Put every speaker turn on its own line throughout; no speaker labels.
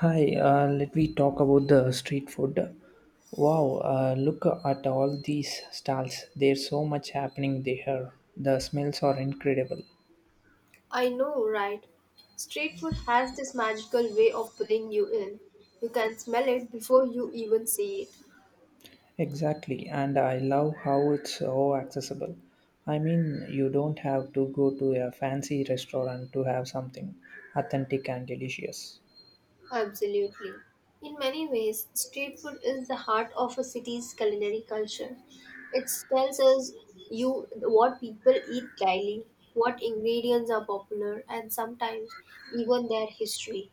Hi, let me talk about the street food. Wow, look at all these stalls. There's so much happening there. The smells are incredible.
I know, right? Street food has this magical way of pulling you in. You can smell it before you even see it.
Exactly, and I love how it's so accessible. I mean, you don't have to go to a fancy restaurant to have something authentic and delicious.
Absolutely. In many ways, street food is the heart of a city's culinary culture. It tells us you what people eat daily, what ingredients are popular, and sometimes even their history.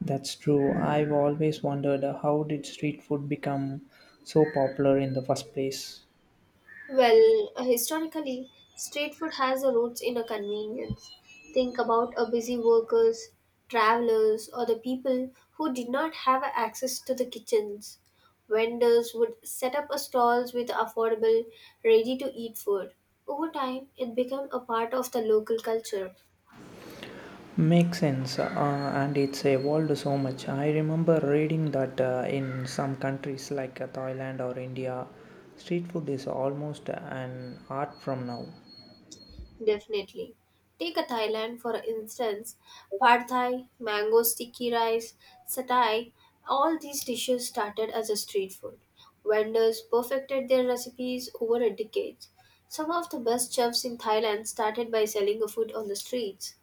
That's true. I've always wondered, how did street food become so popular in the first place?
Well, historically, street food has a roots in a convenience. Think about a busy workers, travelers, or the people who did not have access to the kitchens. Vendors would set up a stalls with affordable, ready-to-eat food. Over time, it became a part of the local culture.
Makes sense, and it's evolved so much. I remember reading that in some countries like Thailand or India, street food is almost an art from now.
Definitely. Take a Thailand for instance, pad thai, mango sticky rice, satay, all these dishes started as a street food. Vendors perfected their recipes over a decade. Some of the best chefs in Thailand started by selling a food on the streets.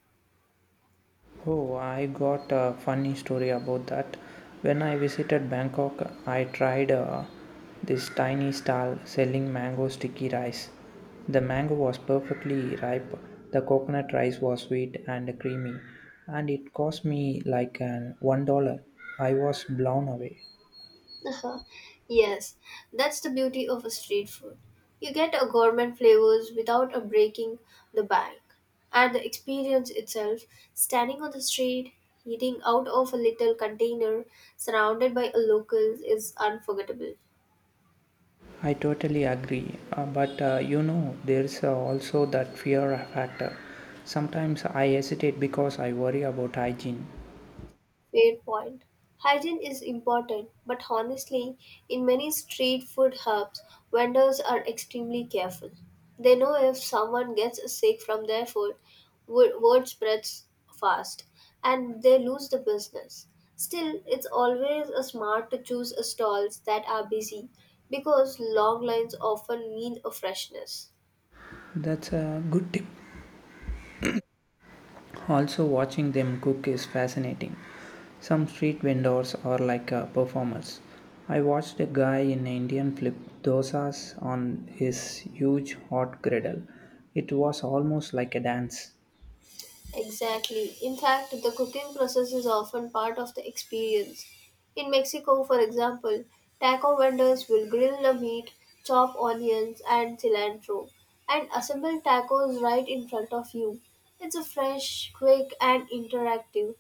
Oh, I got a funny story about that. When I visited Bangkok, I tried this tiny stall selling mango sticky rice. The mango was perfectly ripe, the coconut rice was sweet and creamy, and it cost me like an $1. I was blown away.
Uh-huh. Yes, that's the beauty of a street food. You get a gourmet flavors without a breaking the bank. And the experience itself, standing on the street, eating out of a little container surrounded by a locals is unforgettable.
I totally agree, but you know, there's also that fear factor. Sometimes I hesitate because I worry about hygiene.
Fair point. Hygiene is important, but honestly, in many street food hubs, vendors are extremely careful. They know if someone gets sick from their food, word spreads fast and they lose the business. Still, it's always a smart to choose stalls that are busy because long lines often mean a freshness.
That's a good tip. Also, watching them cook is fascinating. Some street vendors are like performers. I watched a guy in Indian flip dosas on his huge hot griddle. It was almost like a dance.
Exactly. In fact, the cooking process is often part of the experience. In Mexico, for example, taco vendors will grill the meat, chop onions and cilantro, and assemble tacos right in front of you. It's a fresh, quick, and interactive.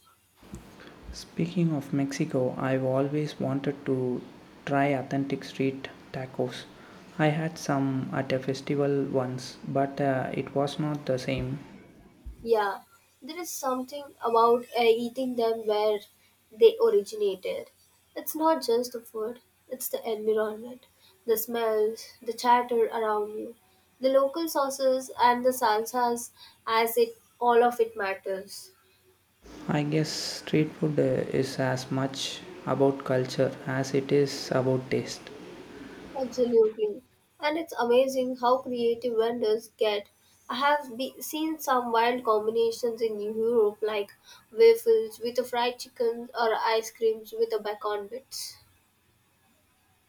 Speaking of Mexico, I've always wanted to try authentic street tacos. I had some at a festival once, but it was not the same.
Yeah, there is something about eating them where they originated. It's not just the food, it's the environment, the smells, the chatter around you, the local sauces and the salsas as it all of it matters.
I guess street food is as much about culture as it is about taste.
Absolutely. And it's amazing how creative vendors get. I have seen some wild combinations in Europe like waffles with a fried chicken or ice creams with a bacon bits.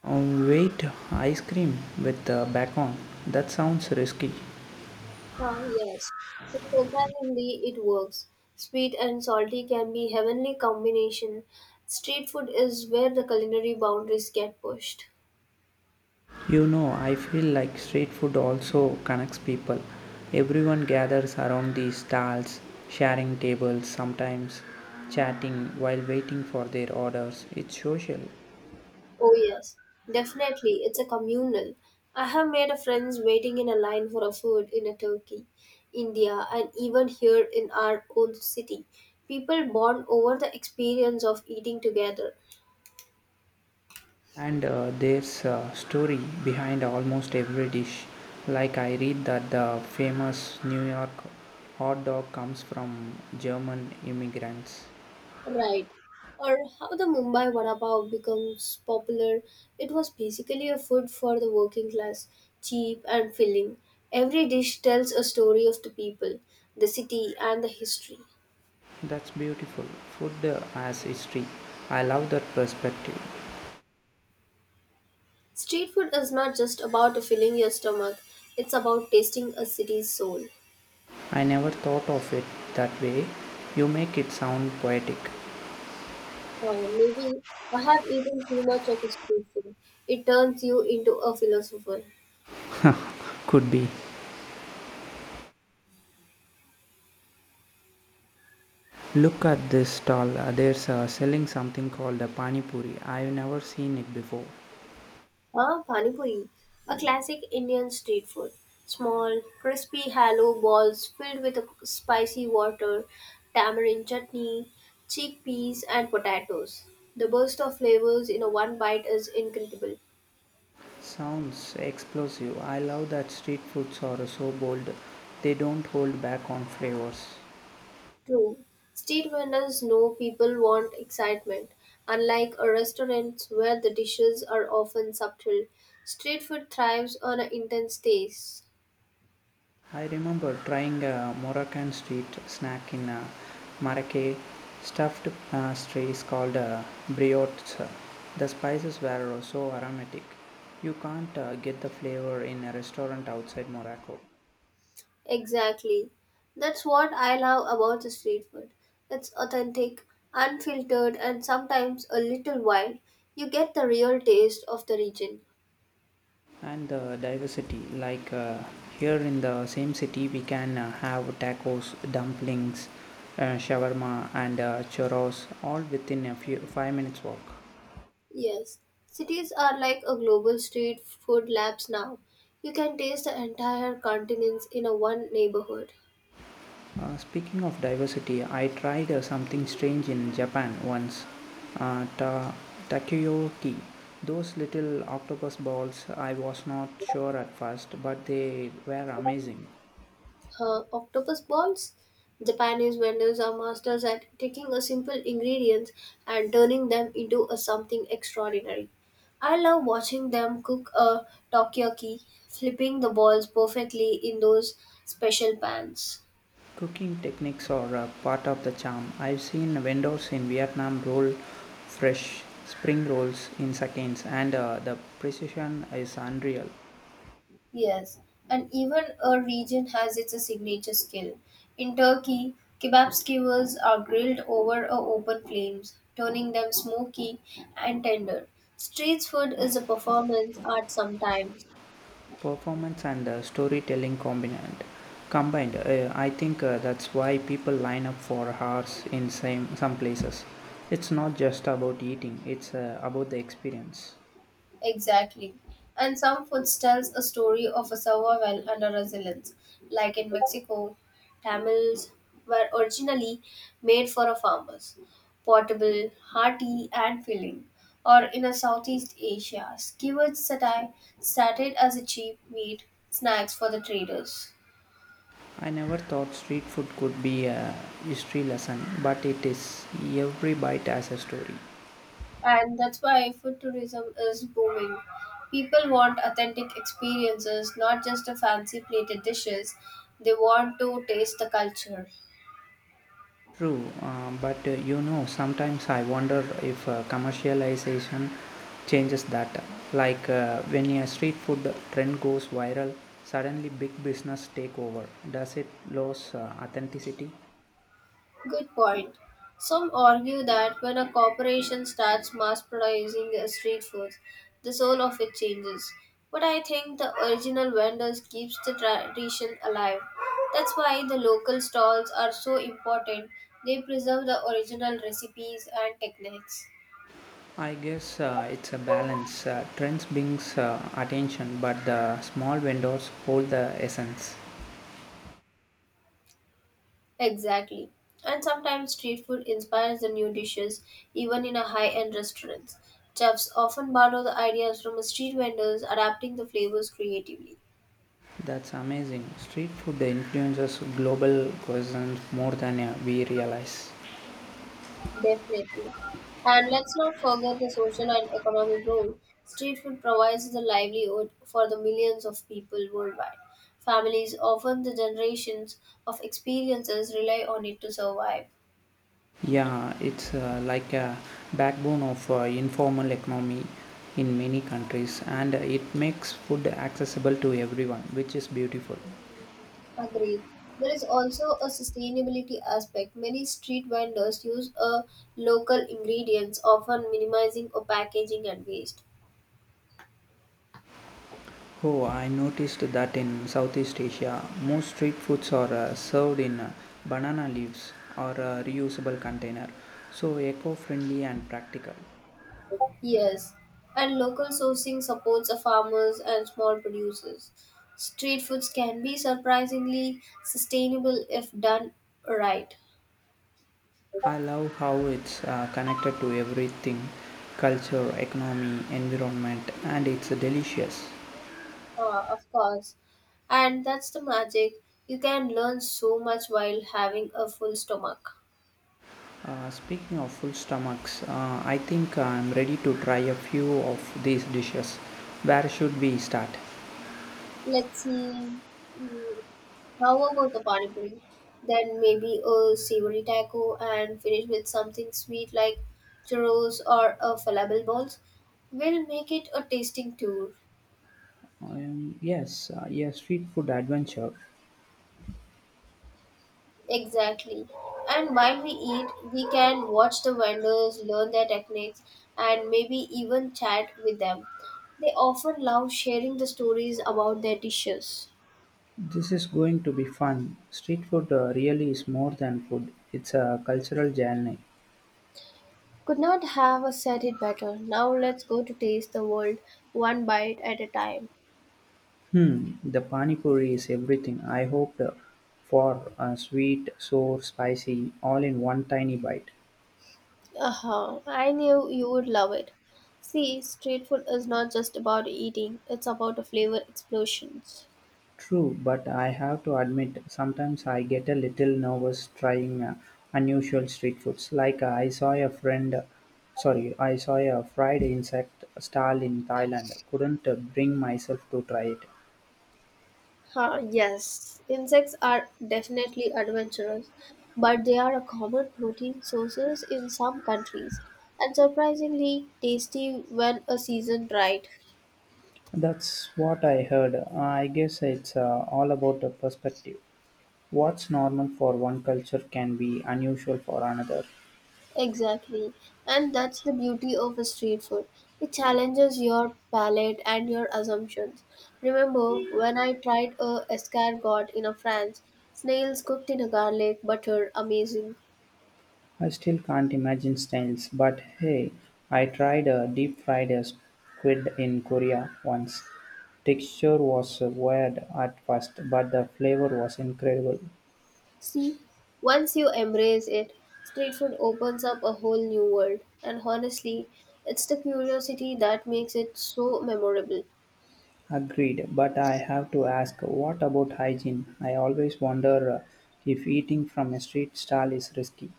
Wait, ice cream with bacon. That sounds risky.
Ah, yes. Surprisingly, it works. Sweet and salty can be heavenly combination. Street food is where the culinary boundaries get pushed.
You know, I feel like street food also connects people. Everyone gathers around these stalls, sharing tables, sometimes chatting while waiting for their orders. It's social.
Oh yes, definitely. It's a communal. I have made a friends waiting in a line for a food in a Turkey, India, and even here in our own city. People bond over the experience of eating together.
And there's a story behind almost every dish. Like I read that the famous New York hot dog comes from German immigrants.
Right. Or how the Mumbai vada pav becomes popular. It was basically a food for the working class, cheap and filling. Every dish tells a story of the people, the city, and the history.
That's beautiful. Food, as history. I love that perspective.
Street food is not just about filling your stomach, it's about tasting a city's soul.
I never thought of it that way. You make it sound poetic.
Maybe I have eaten too much of a street food. It turns you into a philosopher.
Could be. Look at this stall. There's selling something called a pani puri. I've never seen it before.
Ah, Pani Puri, a classic Indian street food. Small, crispy hollow balls filled with a spicy water, tamarind chutney, chickpeas, and potatoes. The burst of flavors in a one bite is incredible.
Sounds explosive. I love that street foods are so bold. They don't hold back on flavors.
True, street vendors know people want excitement. Unlike a restaurant where the dishes are often subtle, street food thrives on an intense taste.
I remember trying a Moroccan street snack in Marrakech, stuffed pastries called brioches. The spices were so aromatic. You can't get the flavor in a restaurant outside Morocco.
Exactly. That's what I love about the street food. It's authentic, unfiltered, and sometimes a little wild. You get the real taste of the region.
And the diversity, like, here in the same city we can have tacos, dumplings, shawarma, and churros all within a few 5 minutes walk.
Yes, cities are like a global street food labs now. You can taste the entire continents in a one neighborhood.
Speaking of diversity, I tried something strange in Japan once. uh, ta- Takoyaki, those little octopus balls. I was not sure at first, but they were amazing.
Octopus balls. Japanese vendors are masters at taking a simple ingredients and turning them into a something extraordinary. I love watching them cook a takoyaki, flipping the balls perfectly in those special pans.
Cooking techniques are part of the charm. I've seen vendors in Vietnam roll fresh spring rolls in seconds, and the precision is unreal.
Yes, and even a region has its signature skill. In Turkey, kebab skewers are grilled over a open flames, turning them smoky and tender. Street food is a performance art sometimes.
Performance and storytelling combined. I think that's why people line up for hours in some places. It's not just about eating; it's about the experience.
Exactly. And some foods tells a story of a survival and a resilience, like in Mexico, tamales were originally made for a farmers, portable, hearty, and filling. Or in a Southeast Asia, skewers satay started as a cheap meat snacks for the traders.
I never thought street food could be a history lesson, but it is. Every bite has a story.
And that's why food tourism is booming. People want authentic experiences, not just the fancy plated dishes. They want to taste the culture.
True, but you know, sometimes I wonder if commercialization changes that. Like, when a street food trend goes viral, suddenly big business take over. Does it lose authenticity?
Good point. Some argue that when a corporation starts mass producing street foods, the soul of it changes. But I think the original vendors keeps the tradition alive. That's why the local stalls are so important. They preserve the original recipes and techniques.
I guess it's a balance. Trends brings attention, but the small vendors hold the essence.
Exactly. And sometimes street food inspires the new dishes, even in a high-end restaurants. Chefs often borrow the ideas from street vendors, adapting the flavors creatively.
That's amazing. Street food influences global cuisines more than we realize.
Definitely. And let's not forget the social and economic role. Street food provides the livelihood for the millions of people worldwide. Families, often the generations of experiences, rely on it to survive.
Yeah, it's like a backbone of informal economy in many countries, and it makes food accessible to everyone, which is beautiful.
Agreed. There is also a sustainability aspect. Many street vendors use a local ingredients, often minimizing or packaging and waste.
Oh, I noticed that in Southeast Asia, most street foods are served in banana leaves or a reusable container, so eco-friendly and practical.
Yes, and local sourcing supports the farmers and small producers. Street foods can be surprisingly sustainable if done right.
I love how it's connected to everything, culture, economy, environment, and it's delicious.
Of course. And that's the magic. You can learn so much while having a full stomach.
Speaking of full stomachs, I think I'm ready to try a few of these dishes. Where should we start?
Let's see. Mm, how about the pani puri? Then maybe a savory taco and finish with something sweet like churros or a falafel balls. We'll make it a tasting tour.
Yes, street food adventure.
Exactly. And while we eat, we can watch the vendors, learn their techniques, and maybe even chat with them. They often love sharing the stories about their dishes.
This is going to be fun. Street food really is more than food, it's a cultural journey.
Could not have said it better. Now let's go to taste the world one bite at a time.
Hmm, the pani puri is everything. I hoped for a sweet, sour, spicy, all in one tiny bite.
Uh huh. I knew you would love it. See, street food is not just about eating, it's about the flavor explosions.
True, but I have to admit, sometimes I get a little nervous trying unusual street foods. Like, I saw a fried insect stall in Thailand. Couldn't bring myself to try it.
Huh, yes, insects are definitely adventurous, but they are a common protein sources in some countries and surprisingly tasty when a seasoned right.
That's what I heard. I guess it's all about the perspective. What's normal for one culture can be unusual for another.
Exactly. And that's the beauty of a street food. It challenges your palate and your assumptions. Remember when I tried a escargot in a France, snails cooked in a garlic butter, amazing.
I still can't imagine snails, but hey, I tried a deep fried squid in Korea once. Texture was weird at first, but the flavor was incredible.
See, once you embrace it, street food opens up a whole new world. And honestly, it's the curiosity that makes it so memorable.
Agreed, but I have to ask, what about hygiene? I always wonder if eating from a street stall is risky.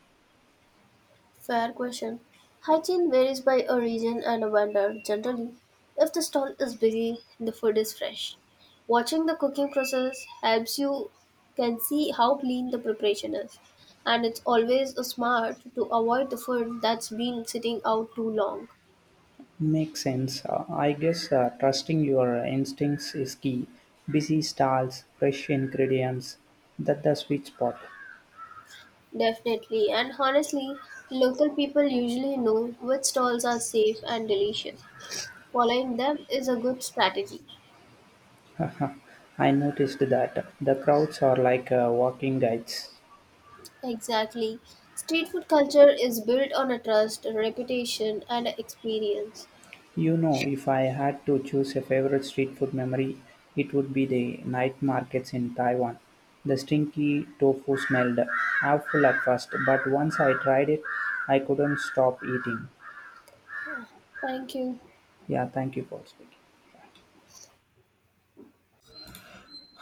Fair question. Hygiene varies by a region and a vendor. Generally, if the stall is busy, the food is fresh. Watching the cooking process helps you can see how clean the preparation is. And it's always a smart to avoid the food that's been sitting out too long.
Makes sense. I guess trusting your instincts is key. Busy stalls, fresh ingredients, that's the sweet spot.
Definitely, and honestly, local people usually know which stalls are safe and delicious. Following them is a good strategy.
I noticed that the crowds are like walking guides.
Exactly. Street food culture is built on a trust, reputation, and experience.
You know, if I had to choose a favorite street food memory, it would be the night markets in Taiwan. The stinky tofu smelled awful at first, but once I tried it, I couldn't stop eating.
Thank you.
Yeah, thank you for speaking.